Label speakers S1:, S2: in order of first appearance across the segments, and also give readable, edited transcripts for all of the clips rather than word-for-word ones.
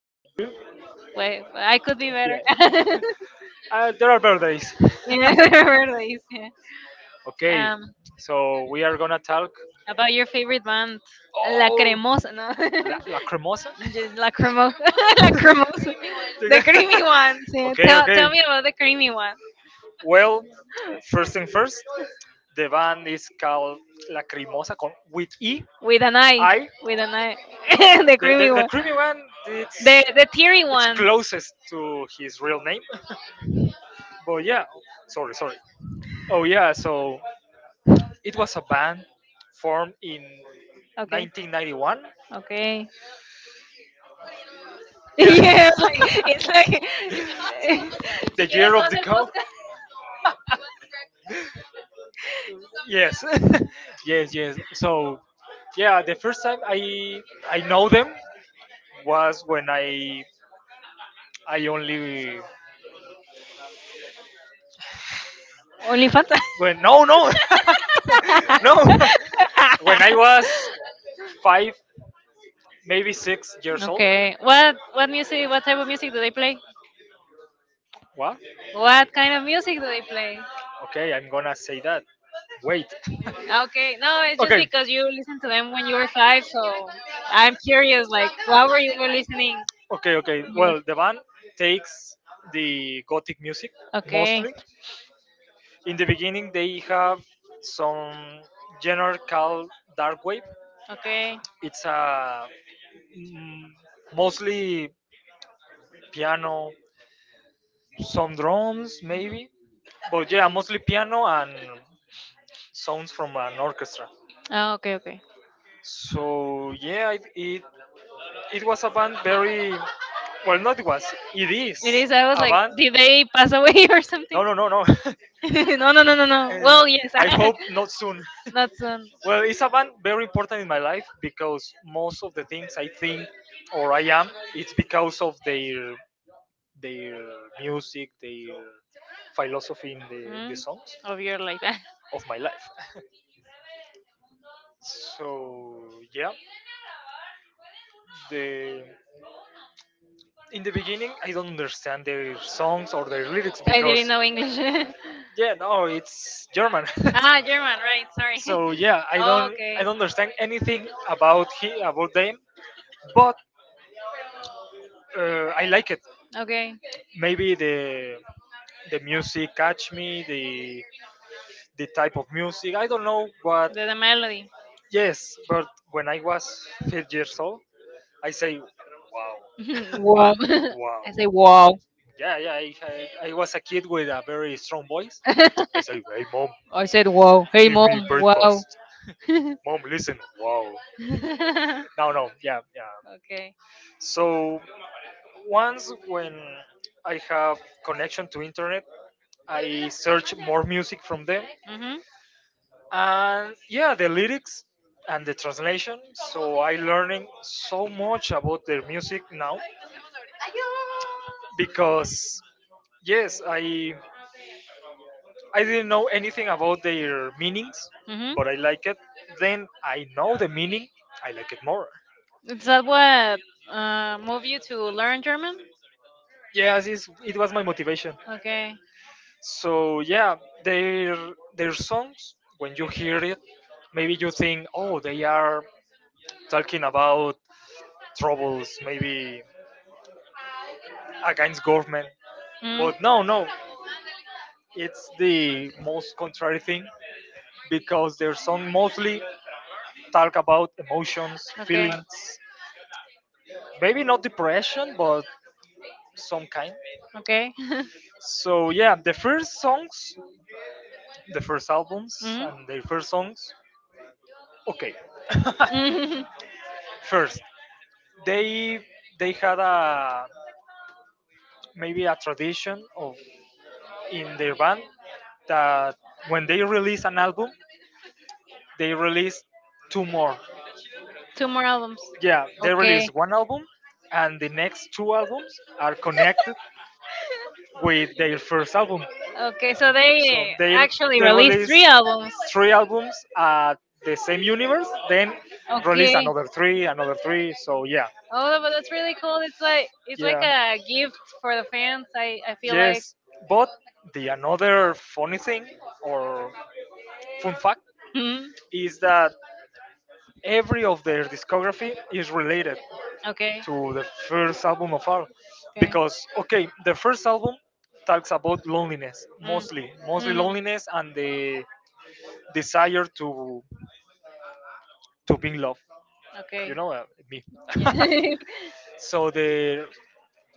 S1: fine, and you?
S2: Well, I could be better.
S1: Yeah. Yeah. There are better days.
S2: Yeah, birthdays,
S1: Okay,
S2: yeah.
S1: so we are gonna talk.
S2: About your favorite band, La
S1: Oh,
S2: Cremosa, no?
S1: la cremosa?
S2: Just La Cremosa, La Cremosa, the creamy one. Yeah.
S1: Okay,
S2: Tell,
S1: okay.
S2: tell me about the creamy one
S1: Well, first thing first, the band is called Lacrimosa con, with E.
S2: with an eye,
S1: I.
S2: with an eye, the
S1: The, the,
S2: creamy
S1: the
S2: one,
S1: creamy one, it's
S2: the teary one.
S1: closest to his real name. But yeah, sorry, sorry. Oh yeah, so it was a band formed in
S2: Okay,
S1: 1991.
S2: okay.
S1: Yeah,
S2: Yeah, it's like,
S1: the
S2: it's
S1: year of
S2: like
S1: the cow. Yes, yes, yes. So yeah, the first time I know them was when I only
S2: only Fanta.
S1: when no no no when I was 5 maybe 6 years old.
S2: Okay. What music? What type of music do they play?
S1: What?
S2: What kind of music do they play?
S1: Okay, I'm gonna say that. Wait. Okay, no,
S2: Okay. No, it's just
S1: okay.
S2: because you listened to them when you were five,
S1: So
S2: so I'm curious. Like, what were you
S1: like,
S2: listening?
S1: okay, okay.
S2: When you were...
S1: Well, the band takes the gothic music. Okay,
S2: Okay.
S1: mostly. In the beginning, they have some genre called dark wave.
S2: Okay.
S1: It's a mm, mostly piano, some drums
S2: Mhm.
S1: maybe, but yeah, mostly piano and sounds from an orchestra.
S2: Oh, okay. Okay.
S1: So yeah, it was a band very well. Not it was. It is
S2: It is. I was
S1: a
S2: like,
S1: band.
S2: did they pass away or
S1: No,
S2: something?
S1: no, no, no.
S2: No, no, no, no, no.
S1: Uh,
S2: Well, yes,
S1: I hope not soon.
S2: not soon.
S1: Well, it's a band very important in my life because most of the things I think or I am, it's because of their their music, their philosophy in the
S2: Mm,
S1: songs
S2: of your life.
S1: of my life. So yeah, the in the beginning I don't understand their songs or their lyrics
S2: I didn't
S1: because
S2: know English.
S1: yeah no it's German ah,
S2: Ah, German, right? Sorry.
S1: so yeah I
S2: Okay,
S1: don't understand anything about he about them, but I like it.
S2: okay.
S1: Maybe the music catch me, the type of music I don't know what.
S2: The melody.
S1: Yes, but when I was 5 years old I say wow
S2: Wow.
S1: wow
S2: I say wow.
S1: yeah yeah I was a kid with a very strong voice. I say, hey, mom,
S2: I said wow. Hey
S1: give me
S2: mom,
S1: birth.
S2: wow.
S1: Mom, listen. Wow. No, no. Yeah, yeah.
S2: Okay.
S1: So once when I have connection to internet, I search more music from them,
S2: Mhm.
S1: and yeah, the lyrics and the translation. So I learning so much about their music now because yes, I didn't know anything about their meanings,
S2: Hmm.
S1: but I like it. Then I know the meaning, I like it more.
S2: Is that what move you to learn German?
S1: Yes it was my motivation.
S2: Okay.
S1: So yeah, their songs when you hear it maybe you think oh they are talking about troubles maybe against government,
S2: Mm.
S1: but no no, it's the most contrary thing because their song mostly talk about emotions,
S2: Okay.
S1: feelings, maybe not depression but some kind.
S2: Okay.
S1: So yeah, the first albums
S2: Mhm.
S1: and their first songs. Okay.
S2: Mhm.
S1: First, they they had a, maybe a tradition of, in their band, that when they release an album, they release two more.
S2: Two more albums.
S1: Yeah, they release
S2: Okay.
S1: one album, and the next two albums are connected with their first album.
S2: Okay, so
S1: So
S2: they actually
S1: they
S2: released
S1: release
S2: three albums.
S1: three albums at the same universe, then release
S2: Okay.
S1: another three, another three. So yeah. Oh,
S2: Oh, but
S1: well, that's
S2: that's really
S1: really cool.
S2: cool. It's
S1: It's like
S2: like
S1: it's
S2: it's
S1: like yeah,
S2: like
S1: a
S2: a
S1: gift
S2: gift
S1: for
S2: for the
S1: the fans.
S2: fans.
S1: I,
S2: I
S1: I
S2: I feel
S1: feel like.
S2: like.
S1: Yes. But the another funny thing or fun fact
S2: Mhm.
S1: is that every of their discography is related
S2: Okay.
S1: to the first album of all,
S2: Okay.
S1: because okay, the first album talks about loneliness
S2: Mm.
S1: mostly
S2: Mhm.
S1: loneliness and the desire to be in love. You
S2: Okay.
S1: know, me.
S2: Yeah.
S1: So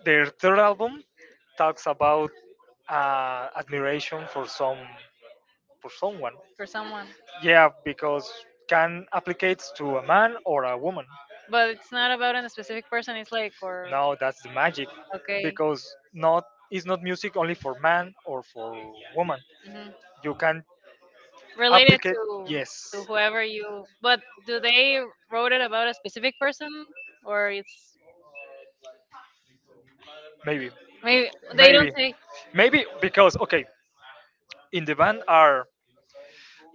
S1: their third album talks about admiration for someone.
S2: For someone,
S1: Yeah, because can applicates to a man or a woman.
S2: but it's not about a specific person. It's like or
S1: No, that's the magic
S2: okay.
S1: because not it's not music only for man or for woman.
S2: Hmm.
S1: You can
S2: Related
S1: applicate.
S2: to
S1: Yes.
S2: whoever you but do they wrote it about a specific person or it's
S1: maybe
S2: maybe
S1: Maybe
S2: they
S1: maybe
S2: don't say.
S1: maybe because okay, in the band are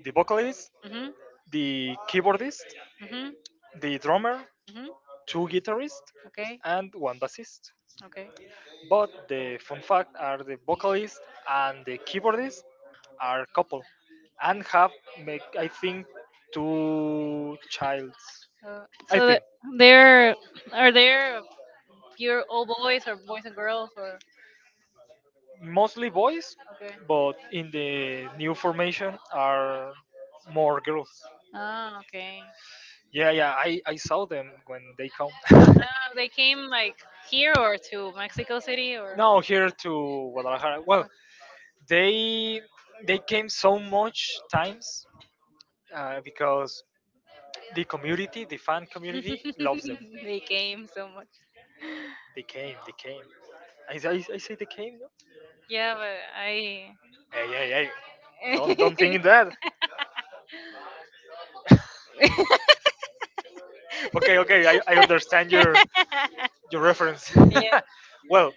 S1: the vocalist,
S2: Mm-hmm.
S1: the keyboardist,
S2: Mm-hmm.
S1: the drummer,
S2: Hmm.
S1: two guitarists,
S2: Okay.
S1: and one bassist.
S2: Okay.
S1: But the fun fact are the vocalist and the keyboardist are couple and have make I think two childs. I
S2: So that
S1: think.
S2: they're are there pure all boys or boys and girls or
S1: Mostly boys,
S2: okay,
S1: but in the new formation are more girls.
S2: ah, okay.
S1: Yeah, yeah. I saw them when they come.
S2: They came like here or to Mexico City or
S1: No, here to Guadalajara. Well, they they came so much times, because the community, the fan community, loves them.
S2: they came so much.
S1: They came. They came. They came. I say they came. No?
S2: Yeah, but I.
S1: Hey, hey, hey. Don't think that. Okay, okay. I understand your reference.
S2: Yeah,
S1: Well,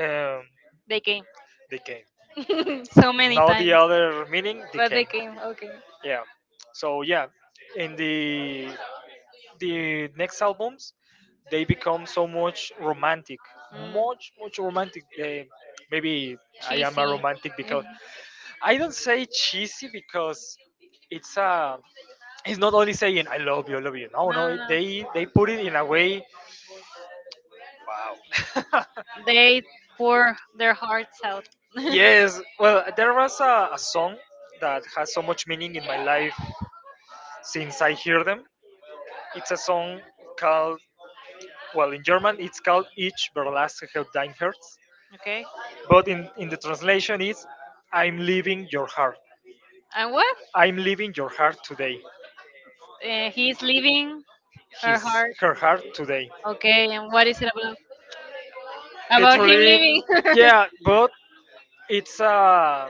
S1: um,
S2: they came
S1: they came.
S2: so many
S1: Now
S2: times,
S1: the other meaning
S2: but they
S1: decay.
S2: came. Okay.
S1: Yeah. So yeah, in the next albums, they become so much romantic,
S2: Mm,
S1: much much romantic. They, maybe I am a
S2: cheesy.
S1: romantic because I don't say cheesy because it's a it's not only saying I love you, I love you. No,
S2: No, no,
S1: no,
S2: no.
S1: they put it in a way. Wow.
S2: They pour their hearts out.
S1: Yes. Well, there was a song that has so much meaning in my life since I hear them. It's a song called, well, in German it's called Ich verlasse dein Herz,
S2: Okay.
S1: but in the translation is I'm leaving your heart.
S2: And what?
S1: I'm leaving your heart today.
S2: He's leaving her
S1: His,
S2: heart.
S1: her heart today.
S2: Okay. And what is it about? About him
S1: Literally,
S2: leaving.
S1: yeah, but it's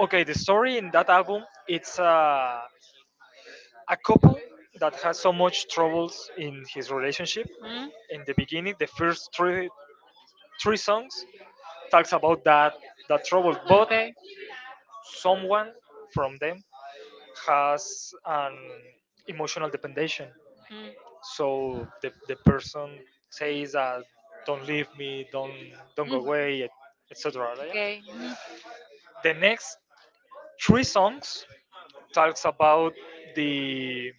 S1: okay. The story in that album, it's a couple that has so much troubles in his relationship.
S2: Hmm?
S1: In the beginning, the first three songs talks about that trouble, but
S2: Okay. Hmm.
S1: someone from them has an emotional dependence. So the person says that don't leave me, don't go
S2: Mm.
S1: away, etc.
S2: Okay. Mhm.
S1: The next three songs talks about the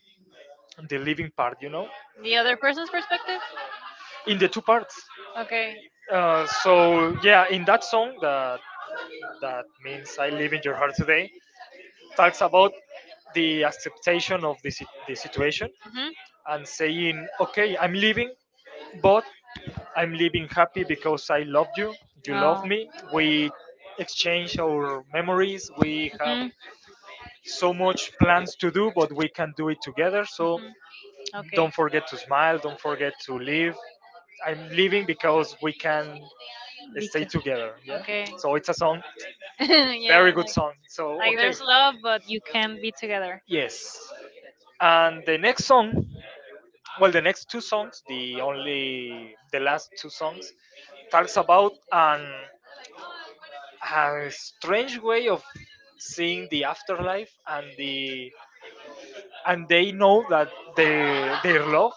S1: the living part,
S2: The other person's perspective?
S1: in the two parts.
S2: Okay.
S1: So yeah, in that song that means I live in your heart today talks about the acceptation of the situation,
S2: Hmm.
S1: and saying, okay, I'm leaving, but I'm leaving happy because I loved you, you loved
S2: Oh.
S1: me,
S2: Mhm.
S1: we exchange our memories, we have
S2: Mhm.
S1: so much plans to do, but we can do it together. So
S2: Okay.
S1: don't forget to smile, don't forget to leave. I'm leaving because we can stay
S2: Because.
S1: together. Yeah.
S2: Okay.
S1: So it's a song, very
S2: Yeah,
S1: good song. So
S2: like
S1: okay.
S2: there's love, but you can't be together.
S1: Yes. And the next song well, the last two songs talks about a strange way of seeing the afterlife and the and they know that their love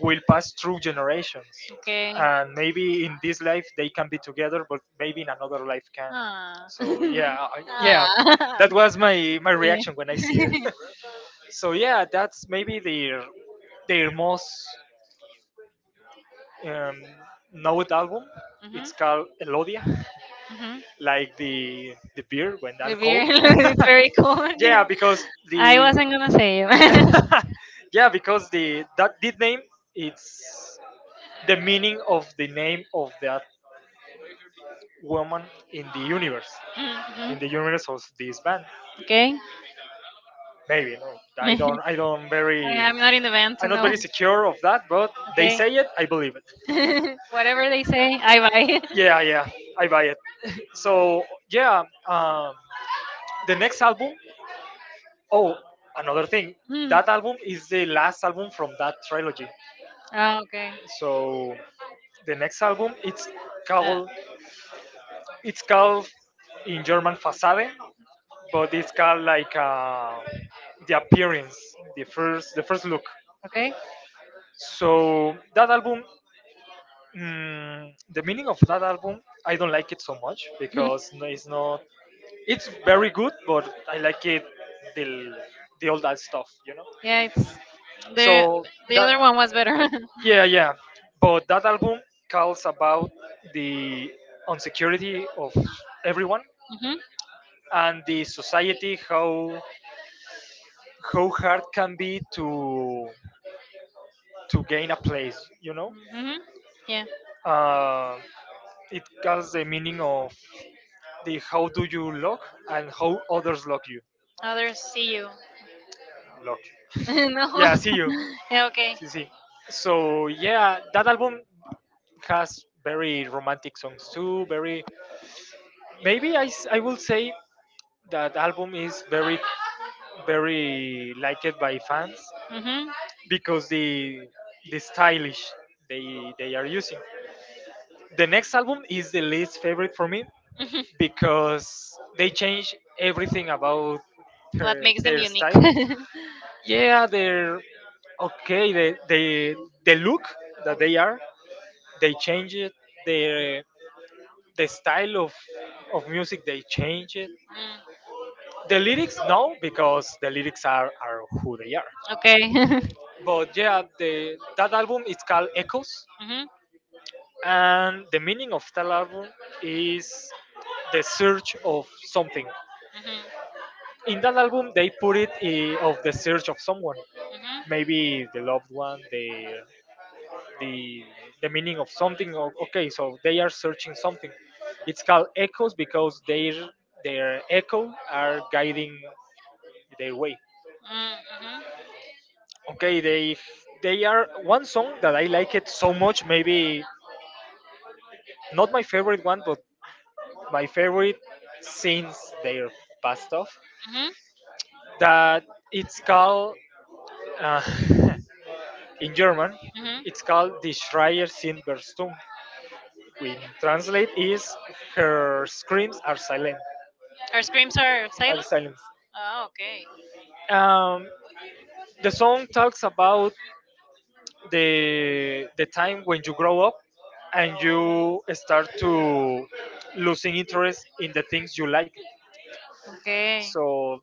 S1: will pass through generations,
S2: Okay.
S1: and maybe in this life they can be together but maybe in another life can.
S2: Ah.
S1: So
S2: Yeah.
S1: yeah, yeah,
S2: Ah.
S1: that was my
S2: Yeah.
S1: reaction when I see it. So yeah, that's maybe their most um, note album.
S2: Mhm.
S1: It's called Elodia,
S2: Mhm.
S1: like the beer when
S2: The beer
S1: alcohol.
S2: is very cold.
S1: Yeah,
S2: Yeah.
S1: because
S2: I
S1: the
S2: wasn't gonna say it.
S1: yeah because the name, it's the meaning of the name of that woman in the universe
S2: Mhm.
S1: of this band.
S2: Okay.
S1: Maybe no, I don't I don't
S2: I
S1: very
S2: am not in the van to
S1: I'm not
S2: know.
S1: very secure of that, but they
S2: Okay.
S1: say it, I believe it.
S2: Whatever they say, I buy.
S1: Yeah, yeah, I buy it. So yeah, the next album. Oh, another thing.
S2: Hmm.
S1: That album is the last album from that trilogy.
S2: Ah, okay.
S1: So the next album
S2: Uh,
S1: called it's called in German Fassade, but it's called like the appearance, the first look.
S2: okay.
S1: So that album, the meaning of that album, I don't like it so much
S2: Mhm.
S1: because it's not. It's very good, but I like it the the old stuff.
S2: Yeah, it's the
S1: So
S2: the
S1: that.
S2: other one was better.
S1: Yeah, yeah. But that album calls about the insecurity of everyone
S2: Mhm.
S1: and the society how hard can be to gain a place, you know?
S2: Mhm. Yeah.
S1: Uh, it calls the meaning of the how do you look and how others look you.
S2: Others see you.
S1: Look.
S2: No.
S1: Yeah, see you.
S2: Yeah. Okay.
S1: See, see. So yeah, that album has very romantic songs too. Very maybe I will say that album is very very liked by fans
S2: Mhm.
S1: because the stylish they are using. The next album is the least favorite for me because they change everything about
S2: What
S1: her,
S2: makes them
S1: their
S2: unique?
S1: style. Yeah, they're okay, the look that
S2: Um,
S1: they change it, the the
S2: mm,
S1: style of music they change it, the lyrics no because the lyrics are who they are.
S2: okay. Mhm.
S1: But yeah, the that album is called Echoes, and the meaning of that album is the search of something.
S2: Mhm.
S1: In that album, they put it of the search of someone,
S2: Mhm.
S1: maybe the loved one, the the meaning of something. Okay, so they are searching something. It's called echoes because their echo are guiding their way.
S2: Mm, mhm.
S1: Okay, they are one song that I like it so much. Maybe not my favorite one, but my favorite since their past off.
S2: Mhm.
S1: That it's called uh, in German.
S2: Mhm.
S1: It's called Die Schreier sind verstummt. Which translate is her screams are silent.
S2: Her screams are
S1: Are
S2: silent.
S1: silent.
S2: Oh, okay.
S1: Um, the song talks about the time when you grow up and you start to losing interest in the things you like.
S2: Okay.
S1: So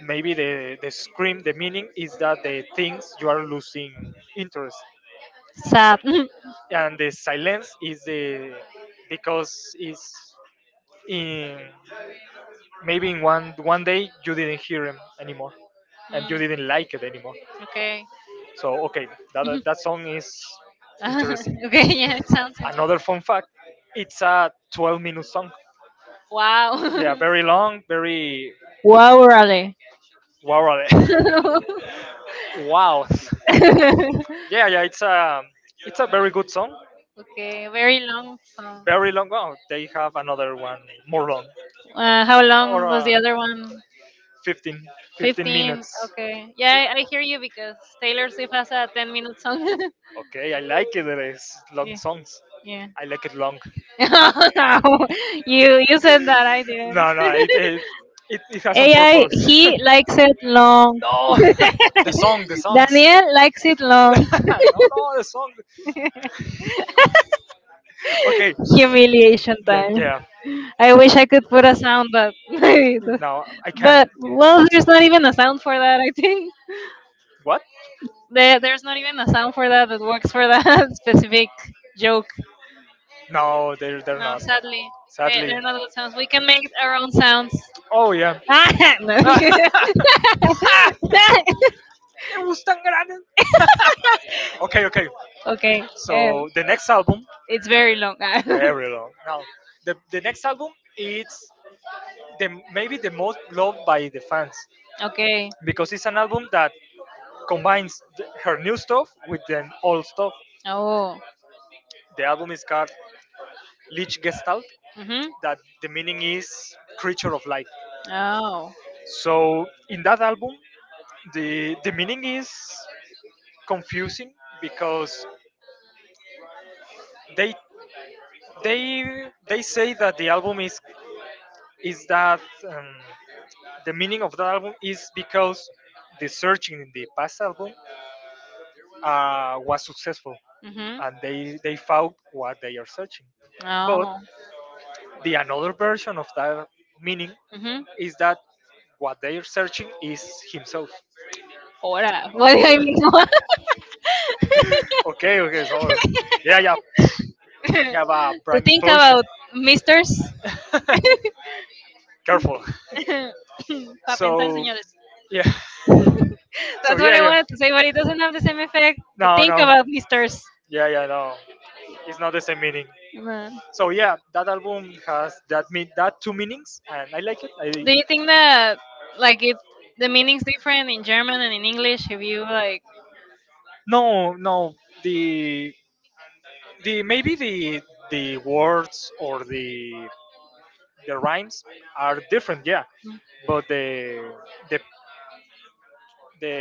S1: maybe the scream, the meaning is that the things you are losing interest,
S2: Sad.
S1: and the silence is the, because it's in maybe in one day you didn't hear him anymore, and you
S2: Mm,
S1: didn't like it anymore.
S2: okay.
S1: So okay, that
S2: Mhm.
S1: that song is interesting.
S2: Okay, yeah, it sounds interesting.
S1: Another fun fact: it's a 12-minute song.
S2: Wow.
S1: Yeah, very long, very
S2: Wow, really?
S1: wow. Wow. Yeah, yeah, it's a very good song.
S2: Okay, very long song.
S1: Very long. Oh, they have another one, more long,
S2: How
S1: or
S2: long was the other one?
S1: 15, 15
S2: 15.
S1: minutes.
S2: Okay. Yeah, I hear you because Taylor Swift has a 10-minute song.
S1: Okay, I like it. It is long
S2: Yeah.
S1: songs.
S2: Yeah.
S1: I like it long.
S2: No, you said that I didn't.
S1: No, no, it has some
S2: AI,
S1: purpose.
S2: he likes it long.
S1: No, the song, the song.
S2: Daniel likes it long.
S1: No, no, the song. Okay,
S2: Humiliation
S1: then
S2: time.
S1: yeah.
S2: I wish I could put a sound, but
S1: No, I can't.
S2: but well, there's not even a sound for that. I think
S1: What?
S2: there's not even a sound for that that works for that specific joke.
S1: No, they're
S2: No,
S1: not.
S2: sadly, they,
S1: Sadly.
S2: they're not good sounds. We can make our own sounds.
S1: Oh yeah.
S2: Ah, no.
S1: Le gustan grandes. Okay, okay.
S2: Okay,
S1: So the next
S2: it's
S1: album,
S2: it's very long.
S1: very long. Now, the next album is the maybe the most loved by the fans,
S2: Okay.
S1: because it's an album that combines her new stuff with the old stuff.
S2: Oh.
S1: The album is called Lich Gestalt,
S2: Mhm.
S1: that the meaning is creature of light.
S2: Oh.
S1: So in that album, the meaning is confusing, because they they say that the album is that, um, the meaning of that album is because the searching in the past album was successful,
S2: Mhm.
S1: and they found what they are searching. But
S2: Oh.
S1: the another version of that meaning
S2: Mhm.
S1: is that what they are searching is himself.
S2: Ora, what do I
S1: Okay,
S2: mean?
S1: okay, okay. So yeah, yeah. I have a
S2: To
S1: brain
S2: think
S1: explosion.
S2: about misters?
S1: Careful.
S2: Para pensar,
S1: So
S2: señores.
S1: yeah. So
S2: That's what
S1: yeah,
S2: I
S1: yeah.
S2: wanted to say, but it doesn't have the same effect to
S1: No,
S2: think
S1: no.
S2: about misters.
S1: Yeah, yeah, no. It's not the same meaning.
S2: No.
S1: So yeah, that album has that mean, that two meanings, and I like it. I
S2: Do you think that like it the meaning's different in German and in English? If you like,
S1: no, no, the the maybe the words or the rhymes are different. Yeah, but the the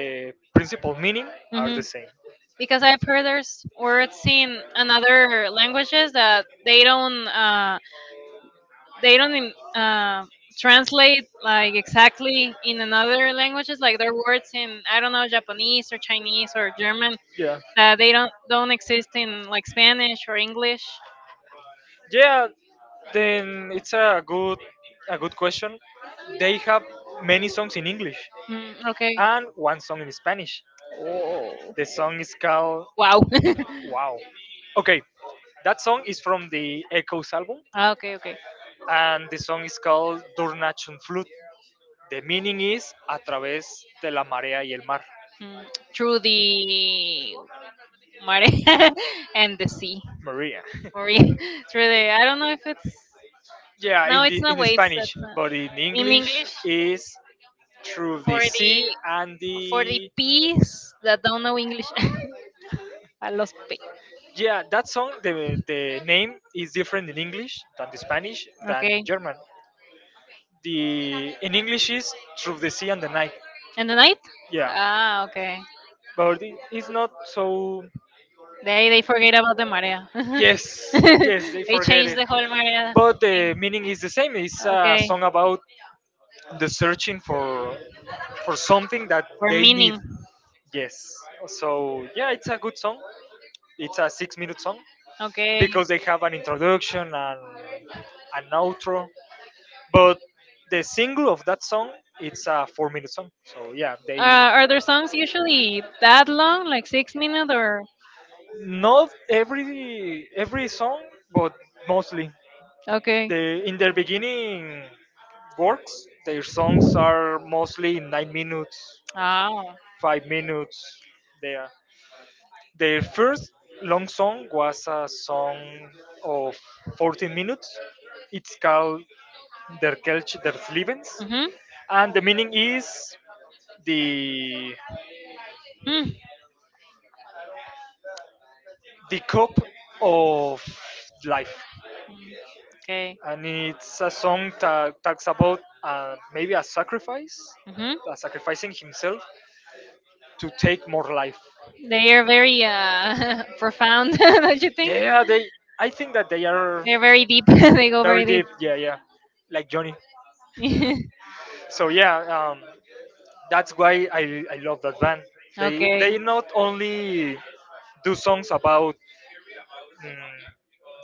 S1: principal meaning are
S2: hmm,
S1: the same.
S2: because I've heard there's words in another languages that they don't translate like exactly in another languages. Like there are words in I don't know Japanese or Chinese or German
S1: Yeah.
S2: that they don't exist in like Spanish or English.
S1: Yeah, then it's a good, a good question. They have many songs in English
S2: Mm, okay.
S1: and one song in Spanish. The song is called
S2: Wow.
S1: Wow. Okay, that song is from the Echoes album,
S2: Ah, okay, okay.
S1: and the song is called Dornachun Flute. The meaning is a través de la marea y el mar.
S2: Mm, through the mare and the sea.
S1: Maria.
S2: Or in- through the, I don't know if it's,
S1: Yeah, in
S2: no, it's
S1: the,
S2: not
S1: in
S2: waves. That's
S1: Spanish,
S2: not,
S1: but in
S2: in
S1: English
S2: English,
S1: is through the
S2: for
S1: sea
S2: the,
S1: and
S2: for the
S1: the,
S2: peas that don't know English. I lost P.
S1: yeah. That song, the name is different in English than the Spanish than the
S2: Okay.
S1: German. The in English is through the sea and the night.
S2: And the night?
S1: Yeah,
S2: Ah, okay.
S1: but it's not so.
S2: They forget about the marea.
S1: Yes, yes, they
S2: They
S1: forget
S2: changed
S1: it.
S2: the whole Maria.
S1: But the meaning is the same. It's a
S2: Okay.
S1: song about the searching for something that
S2: For
S1: they need.
S2: meaning.
S1: Yes. So yeah, it's a good song. It's a 6 minute song
S2: Okay.
S1: because they have an introduction and an outro. But the single of that song, it's a 4 minute song. So yeah, they,
S2: Are their songs usually that long, like 6 minutes or?
S1: not every song, but mostly.
S2: Okay.
S1: They, in their beginning works, their songs are mostly 9 minutes,
S2: Oh.
S1: 5 minutes. There, their first long song was a song of 14 minutes. It's called Der Kelch des Lebens,
S2: Mhm.
S1: and the meaning is the
S2: Mm.
S1: the cup of life.
S2: Okay.
S1: And it's a song that talks about, maybe a sacrifice,
S2: Mhm.
S1: a sacrificing himself to take more life.
S2: They are very profound, don't you think?
S1: Yeah, they. I think that they are
S2: They're very deep. They go
S1: very
S2: very deep.
S1: deep. Yeah, yeah, like Johnny. So yeah, that's why I love that band. They
S2: Okay.
S1: not only do songs about, mm,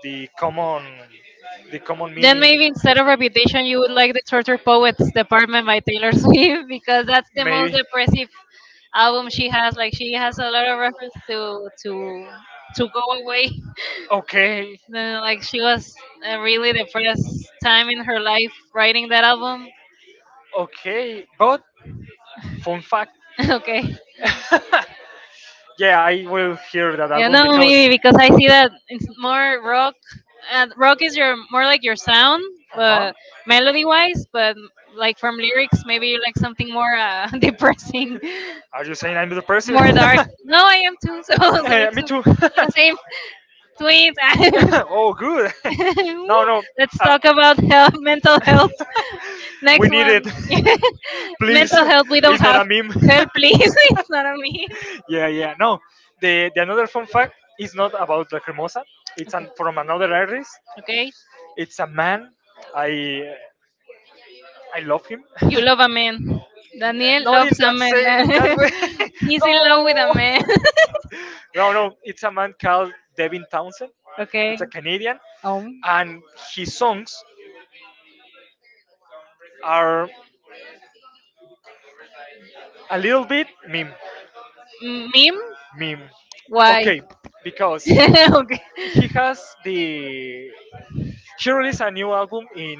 S1: the common, the common
S2: Then
S1: meaning,
S2: maybe instead of Reputation, you would like the Torture Poets Department by Taylor Swift because that's the
S1: maybe.
S2: most depressive album she has. Like she has a lot of reference to go away.
S1: Okay,
S2: Then like she was a really depressed time in her life writing that album.
S1: okay, but fun fact.
S2: Okay.
S1: Yeah, I will hear that
S2: Yeah,
S1: album
S2: no,
S1: because.
S2: maybe because I see that it's more rock. Rock is your more like your sound,
S1: Uh huh.
S2: but melody wise, but like from lyrics, maybe you like something more depressing,
S1: Are you saying I'm the person?
S2: more dark. No, I am too. So, so
S1: Eh,
S2: it's
S1: me
S2: okay.
S1: too.
S2: Yeah, same tweet.
S1: Oh, good. No, no.
S2: Let's
S1: Uh,
S2: talk about health, mental health.
S1: we
S2: Next
S1: need
S2: one,
S1: it. Please.
S2: mental health. We don't
S1: It's not
S2: have
S1: a meme.
S2: help, please. It's not a meme.
S1: Yeah, yeah. No, the another fun fact is not about Lacrimosa. It's an, from another artist.
S2: Okay.
S1: It's a man. I I love him.
S2: You love a man. Daniel
S1: Not in
S2: loves a
S1: that
S2: man.
S1: say, in that way.
S2: He's in love with a
S1: No.
S2: man.
S1: No, no, it's a man called Devin Townsend.
S2: Okay.
S1: It's a Canadian,
S2: Um.
S1: and his songs are a little bit meme,
S2: Meme?
S1: meme.
S2: Why?
S1: Okay, because
S2: Okay.
S1: he has the, he released a new album in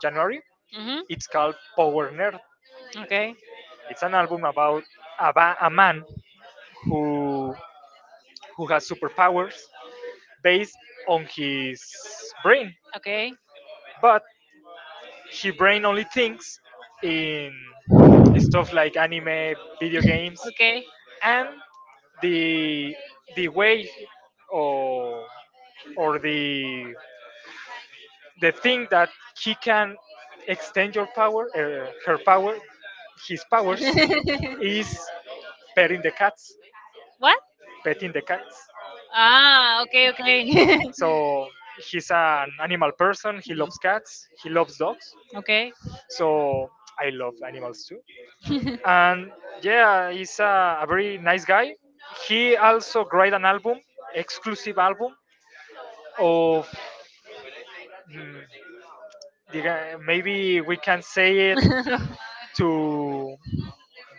S1: January.
S2: Hmm.
S1: It's called Power Nerd.
S2: Okay.
S1: It's an album about a, a man who who has superpowers based on his brain,
S2: Okay.
S1: but his brain only thinks in stuff like anime, video games,
S2: Okay.
S1: and the the way, or or the thing that he can extend your power, her power, his powers is petting the cats,
S2: What?
S1: petting the cats.
S2: Ah, okay, okay.
S1: So he's an animal person. He
S2: Mm,
S1: loves cats. He loves dogs.
S2: okay.
S1: So I love animals too. And yeah, he's a very nice guy. He also created an album, exclusive album of, mm, the maybe we can say it, to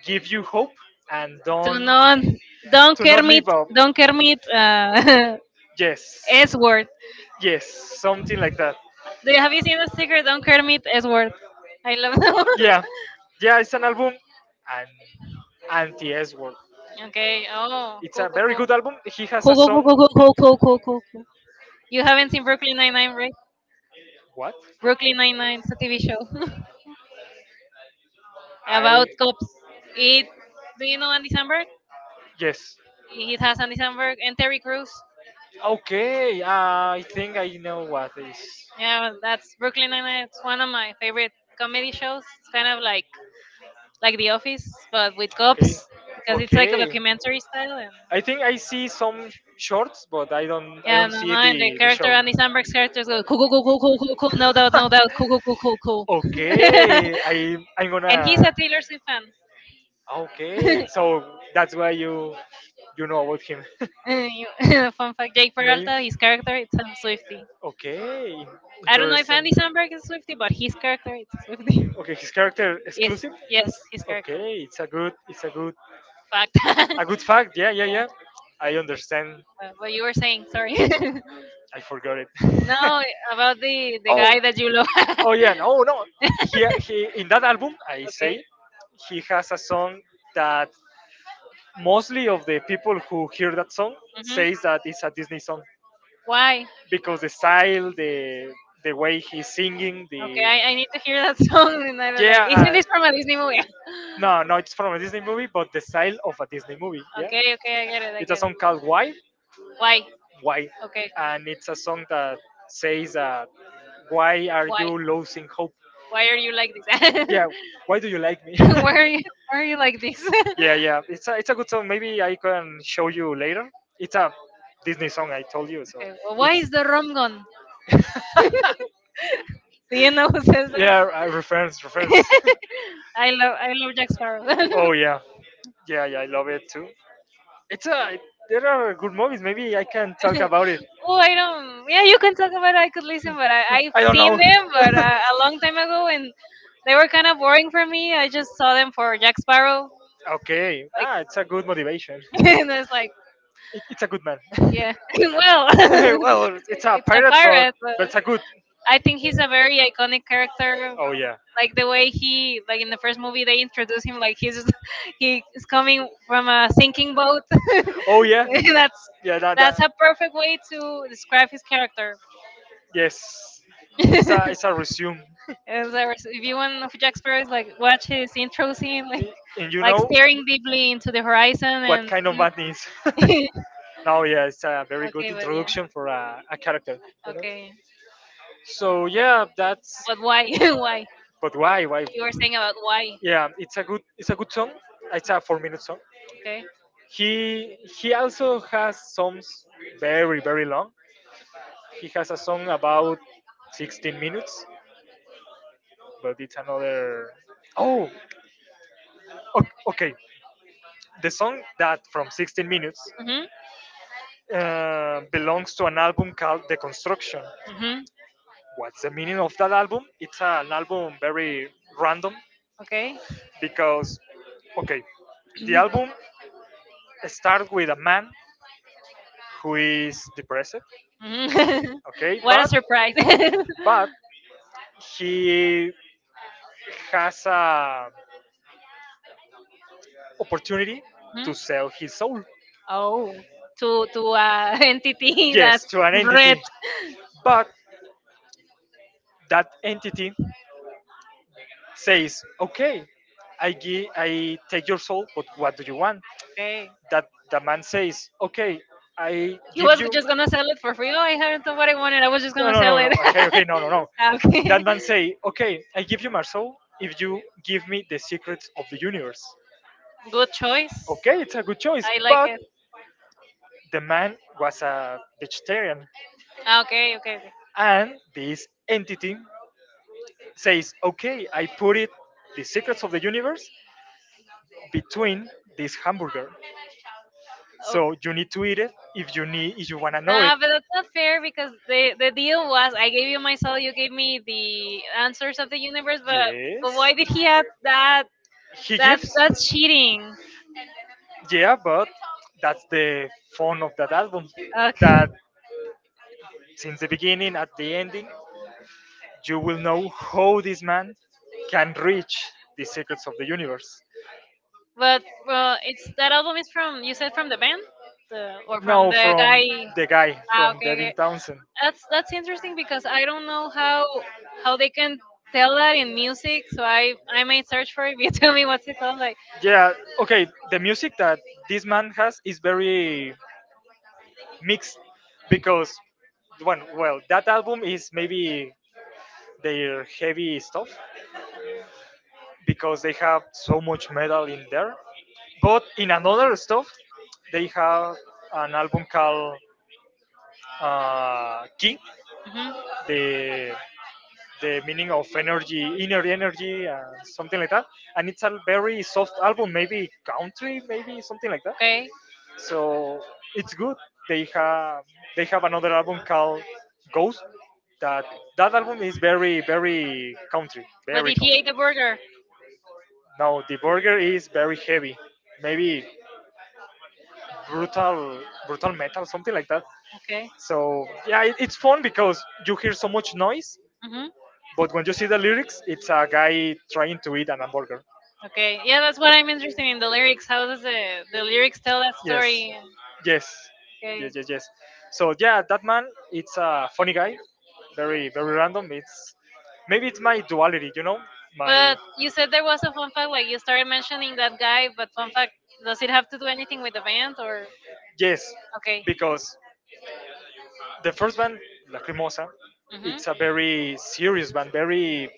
S1: give you hope and
S2: Do
S1: don't,
S2: not, don't
S1: to not
S2: Kermit,
S1: live up.
S2: don't Kermit,
S1: Yes,
S2: S word.
S1: yes, something like that.
S2: Do you have you seen the sticker? Don't Kermit S word. I love that one.
S1: Yeah, yeah, it's an album, and anti s word,
S2: Okay. Oh,
S1: it's
S2: cool,
S1: a
S2: cool,
S1: very
S2: cool,
S1: good album. He has
S2: cool,
S1: a
S2: cool, cool, cool, cool, cool, cool, cool, cool. You haven't seen Brooklyn Nine Nine, right?
S1: what.
S2: Brooklyn Nine Nine is a TV show
S1: I,
S2: about cops. It. Do you know Andy Samberg?
S1: yes.
S2: He it has Andy Samberg and Terry Crews.
S1: Okay, I think I know what is.
S2: Yeah, that's Brooklyn Nine Nine. It's one of my favorite comedy shows. It's kind of like The Office, but with
S1: Okay,
S2: cops because it's like a
S1: okay.
S2: documentary style. And
S1: I think I see some shorts, but I don't I
S2: yeah,
S1: don't
S2: no, no,
S1: see
S2: and the
S1: the
S2: character
S1: show.
S2: Andy Samberg's character go cool, cool, cool, cool, cool, cool, cool, no doubt, no doubt, cool, cool, cool, cool, cool.
S1: Okay, I'm
S2: And he's a
S1: gonna.
S2: Taylor Swift fan.
S1: Okay, so that's why you know about him.
S2: You- Fun fact: Jake
S1: Maybe.
S2: Peralta, his character, it's a Swifty.
S1: Okay,
S2: I don't know
S1: there's
S2: if Andy Samberg is a Swifty, but his character, it's a Swifty.
S1: okay. His character
S2: Yes,
S1: exclusive.
S2: yes, his character.
S1: Okay,
S2: Fact. Yeah.
S1: a good fact. Yeah, yeah, yeah. I understand.
S2: What you were saying? Sorry.
S1: I forgot it.
S2: No, about the
S1: Oh.
S2: guy that you love.
S1: Oh yeah, no, no. He, in that album, I
S2: Okay.
S1: say, he has a song that mostly of the people who hear that song
S2: Hmm.
S1: says that it's a Disney song
S2: Why?
S1: because the style, the way he's singing,
S2: Okay,
S1: the.
S2: I need to hear that song, and I was
S1: Yeah,
S2: like, isn't this from a Disney movie?
S1: no, no, it's from a Disney movie, but the style of a Disney movie. Yeah, okay,
S2: Okay, okay, I get
S1: okay,
S2: it, I
S1: it's a
S2: get it.
S1: song called
S2: Why?
S1: Why, okay.
S2: Okay,
S1: And it's a song that says, "Why are
S2: why?
S1: you losing hope?
S2: Why are you like this?
S1: Yeah, why do you like me?"
S2: Why are you why are you like this?
S1: Yeah, yeah, it's a, it's a good song. Maybe I can show you later. It's a Disney song. I told you so.
S2: Okay, well, why is the rum gone? Do you know who says that?
S1: Yeah, reference, reference.
S2: I love Jack Sparrow.
S1: Oh yeah, yeah, yeah. I love it too. It's a. There are good movies. Maybe I can talk about it.
S2: Oh, I don't. Yeah, you can talk about it. I could listen, but I've seen them, but a long time ago, and they were kind of boring for me. I just saw them for Jack Sparrow,
S1: Okay.
S2: like,
S1: Ah, it's a good motivation.
S2: and it's like,
S1: It's a good man.
S2: yeah, well,
S1: Well, it's a
S2: it's a
S1: pirate,
S2: pirate, but
S1: but it's a good.
S2: I think he's a very iconic character.
S1: Oh yeah.
S2: Like the way he, like in the first movie, they introduce him like he's he is coming from a sinking boat. Oh
S1: Oh yeah.
S2: yeah,
S1: Yeah. That,
S2: that's
S1: that.
S2: a perfect way to describe his character.
S1: Yes. He's a. It's a resume.
S2: As I was viewing of Jack Sparrow, is like watch his intro scene,
S1: Y- And you
S2: like
S1: know
S2: staring deeply into the horizon,
S1: what
S2: and
S1: kind of man is.
S2: okay,
S1: No, yeah, it's a very good
S2: but yeah,
S1: introduction for a character. You know.
S2: okay,
S1: So yeah, that's.
S2: but why, why?
S1: But why? Why?
S2: You were saying about why,
S1: Yeah, it's a good, it's a good song. It's a 4 minute song.
S2: okay?
S1: He also has songs very very long. He has a song about 16 minutes, but it's another. Oh, okay. The song that from 16 minutes,
S2: Mhm,
S1: belongs to an album called The Construction.
S2: mhm,
S1: What's the meaning of that album? It's an album very random
S2: okay.
S1: because, okay, the album starts with a man who is depressed,
S2: Mhm.
S1: okay,
S2: What a
S1: but
S2: surprise!
S1: but he has a opportunity
S2: Mhm.
S1: to sell his soul.
S2: Oh, to entity
S1: Yes,
S2: that's
S1: to an
S2: red.
S1: entity. But that entity says, "Okay, I give, I take your soul, but what do you want?"
S2: Okay.
S1: That the man says, "Okay, I
S2: He
S1: give
S2: was
S1: you."
S2: just gonna sell it for free. Oh, I haven't done what I wanted. I was just
S1: No,
S2: gonna
S1: no,
S2: sell
S1: no, no.
S2: it.
S1: Sell. Okay, okay, no, no, no. That
S2: Okay.
S1: man say, "Okay, I give you my soul if you give me the secrets of the universe."
S2: Good choice.
S1: Okay, it's a good choice,
S2: I like
S1: but
S2: it.
S1: the man was a vegetarian,
S2: Ah, okay, okay, okay.
S1: and this entity says, "Okay, I put it, the secrets of the universe between this hamburger, so
S2: Okay.
S1: you need to eat it if you need, if you wanna know it."
S2: Nah, but that's not fair because the deal was I gave you my soul, you gave me the answers of the universe,
S1: Yes.
S2: but why did he add that?
S1: He gives.
S2: That's cheating.
S1: Yeah, but that's the fun of that album. That
S2: Okay,
S1: since the beginning at the ending, you will know how this man can reach the secrets of the universe.
S2: but it's that album is from you said from the band, the or from
S1: No,
S2: the guy.
S1: from the guy,
S2: Ah,
S1: from
S2: okay, okay.
S1: Devin Townsend.
S2: That's interesting because I don't know how they can tell that in music. So I might search for it. You tell me what's it called, like.
S1: Yeah, okay, the music that this man has is very mixed because, one, well, that album is maybe their heavy stuff, because they have so much metal in there. But in another stuff, they have an album called, Ki,
S2: Hmm.
S1: the the meaning of energy, inner energy, something like that. And it's a very soft album, maybe country, maybe something like that.
S2: Okay.
S1: So it's good. They have they have another album called Ghost. That that album is very very country,
S2: But
S1: very
S2: did he
S1: country.
S2: ate the burger?
S1: Now the burger is very heavy, maybe brutal brutal metal, something like that.
S2: Okay.
S1: So yeah, it's fun because you hear so much noise,
S2: Hmm.
S1: but when you see the lyrics, it's a guy trying to eat an hamburger.
S2: Okay. Yeah, that's what I'm interested in. The lyrics. How does the lyrics tell that
S1: Yes,
S2: story?
S1: yes, yes,
S2: Okay.
S1: yes, yes. So yeah, that man, it's a funny guy, very very random. It's maybe it's my duality, you know, my,
S2: But you said there was a fun fact. Like you started mentioning that guy, but fun fact. Does it have to do anything with the band or?
S1: yes.
S2: Okay.
S1: Because the first band, Lacrimosa,
S2: Mhm.
S1: it's a very serious band. Very,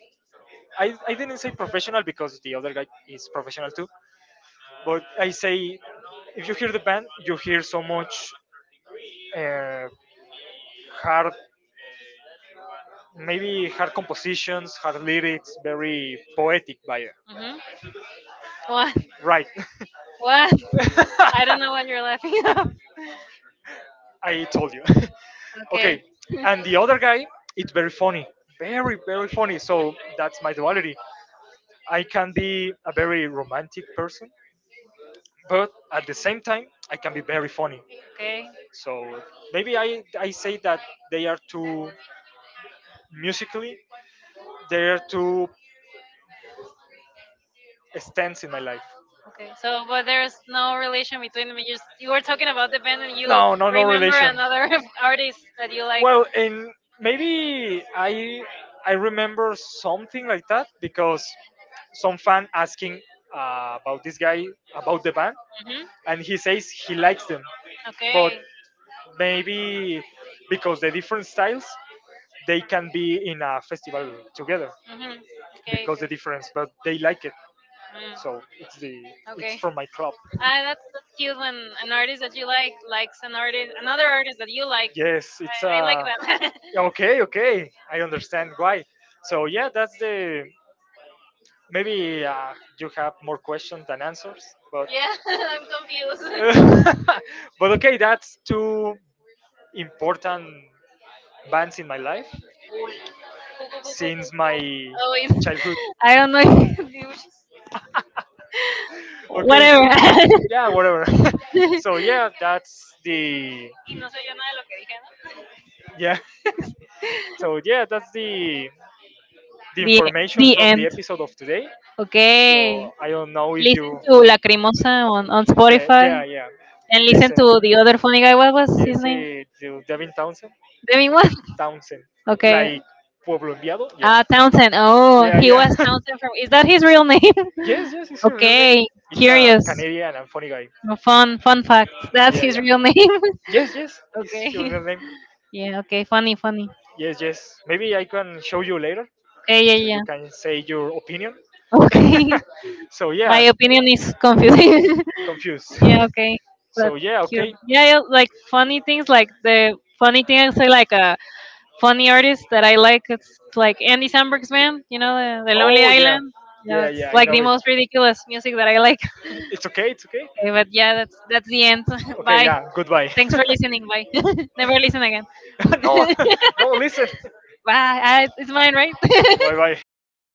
S1: I didn't say professional because the other guy is professional too. But I say, if you hear the band, you hear so much, uh, hard, maybe hard compositions, hard lyrics, very poetic by
S2: Mhm. What?
S1: right.
S2: What?
S1: I
S2: I
S1: don't
S2: don't
S1: know
S2: know
S1: why
S2: what you're laughing
S1: you're laughing.
S2: at.
S1: I told you. Okay,
S2: Okay.
S1: and the other guy, it's very funny, very very funny. So that's my duality. I can be a very romantic person, but at the same time, I can be very funny.
S2: Okay.
S1: So maybe I say that they are two, musically, they are two stands in my life.
S2: Okay. So, but there's no relation between them. You, s- you were talking about the band, and you
S1: No, no, no
S2: remember
S1: relation.
S2: another artist that you like.
S1: Well, and maybe I remember something like that because some fan asking, about this guy about the band,
S2: Mhm.
S1: and he says he likes them, but
S2: Okay.
S1: maybe because the different styles they can be in a festival together,
S2: Mhm. Okay.
S1: because the
S2: Okay.
S1: difference, but they like it,
S2: Mm.
S1: so it's the, it's
S2: Okay.
S1: from my club.
S2: Ah, that's so cute when an artist that you like likes an artist, another artist that you like.
S1: Yes, it's
S2: I like
S1: a.
S2: that.
S1: Okay, okay, I understand why. So yeah, that's the. Maybe you have more questions than answers, but
S2: Yeah, I'm confused.
S1: but okay, that's two important bands in my life
S2: Pu- pu- pu- pu-
S1: since my
S2: oh wait,
S1: childhood.
S2: I don't know. If- you should-
S1: Or-
S2: Whatever.
S1: yeah, whatever. So yeah, that's the
S2: Y no se oye nada de lo que dije, ¿no?
S1: yeah. So yeah, that's the
S2: the
S1: information
S2: the
S1: from the
S2: end.
S1: episode of today.
S2: Okay.
S1: So I don't know if you,
S2: Listen to Lacrimosa on
S1: the,
S2: Spotify
S1: yeah, yeah,
S2: and listen to the other funny guy. What was his
S1: yes,
S2: name?
S1: the Devin Townsend.
S2: Demi what?
S1: Townsend,
S2: Okay.
S1: like Pueblo Enviado. Yeah,
S2: Ah, Townsend. Oh,
S1: yeah,
S2: he
S1: yeah.
S2: was Townsend from. Is that his real name?
S1: Yes, yes, it's her real name.
S2: Okay,
S1: It's a
S2: curious.
S1: Canadian and funny guy.
S2: No, Fun, fun fact. That's
S1: Yeah,
S2: his
S1: yeah.
S2: real name.
S1: Yes, yes, it's her
S2: Okay.
S1: real name.
S2: Yeah. Okay. Funny, funny.
S1: Yes, yes. Maybe I can show you later.
S2: Okay.
S1: You
S2: Yeah.
S1: can say your opinion.
S2: Yeah. Okay.
S1: So
S2: My
S1: yeah,
S2: opinion is confusing.
S1: confused.
S2: Yeah. Okay. But
S1: So yeah,
S2: cute.
S1: okay.
S2: Yeah. Yeah like funny things. Like the funny thing I say. Like a funny artist that I like. It's like Andy Samberg's band. You know, the Lonely
S1: Oh yeah,
S2: Island. Yeah.
S1: yeah,
S2: That's
S1: yeah. I
S2: like
S1: know
S2: the
S1: it.
S2: most ridiculous music that I like.
S1: It's okay. It's okay.
S2: Okay, but yeah, that's the end.
S1: Okay,
S2: Bye.
S1: yeah. Goodbye.
S2: Thanks for listening. Bye. Never listen again.
S1: No, no, listen.
S2: Bye. Ah, it's mine, right?
S1: Bye bye.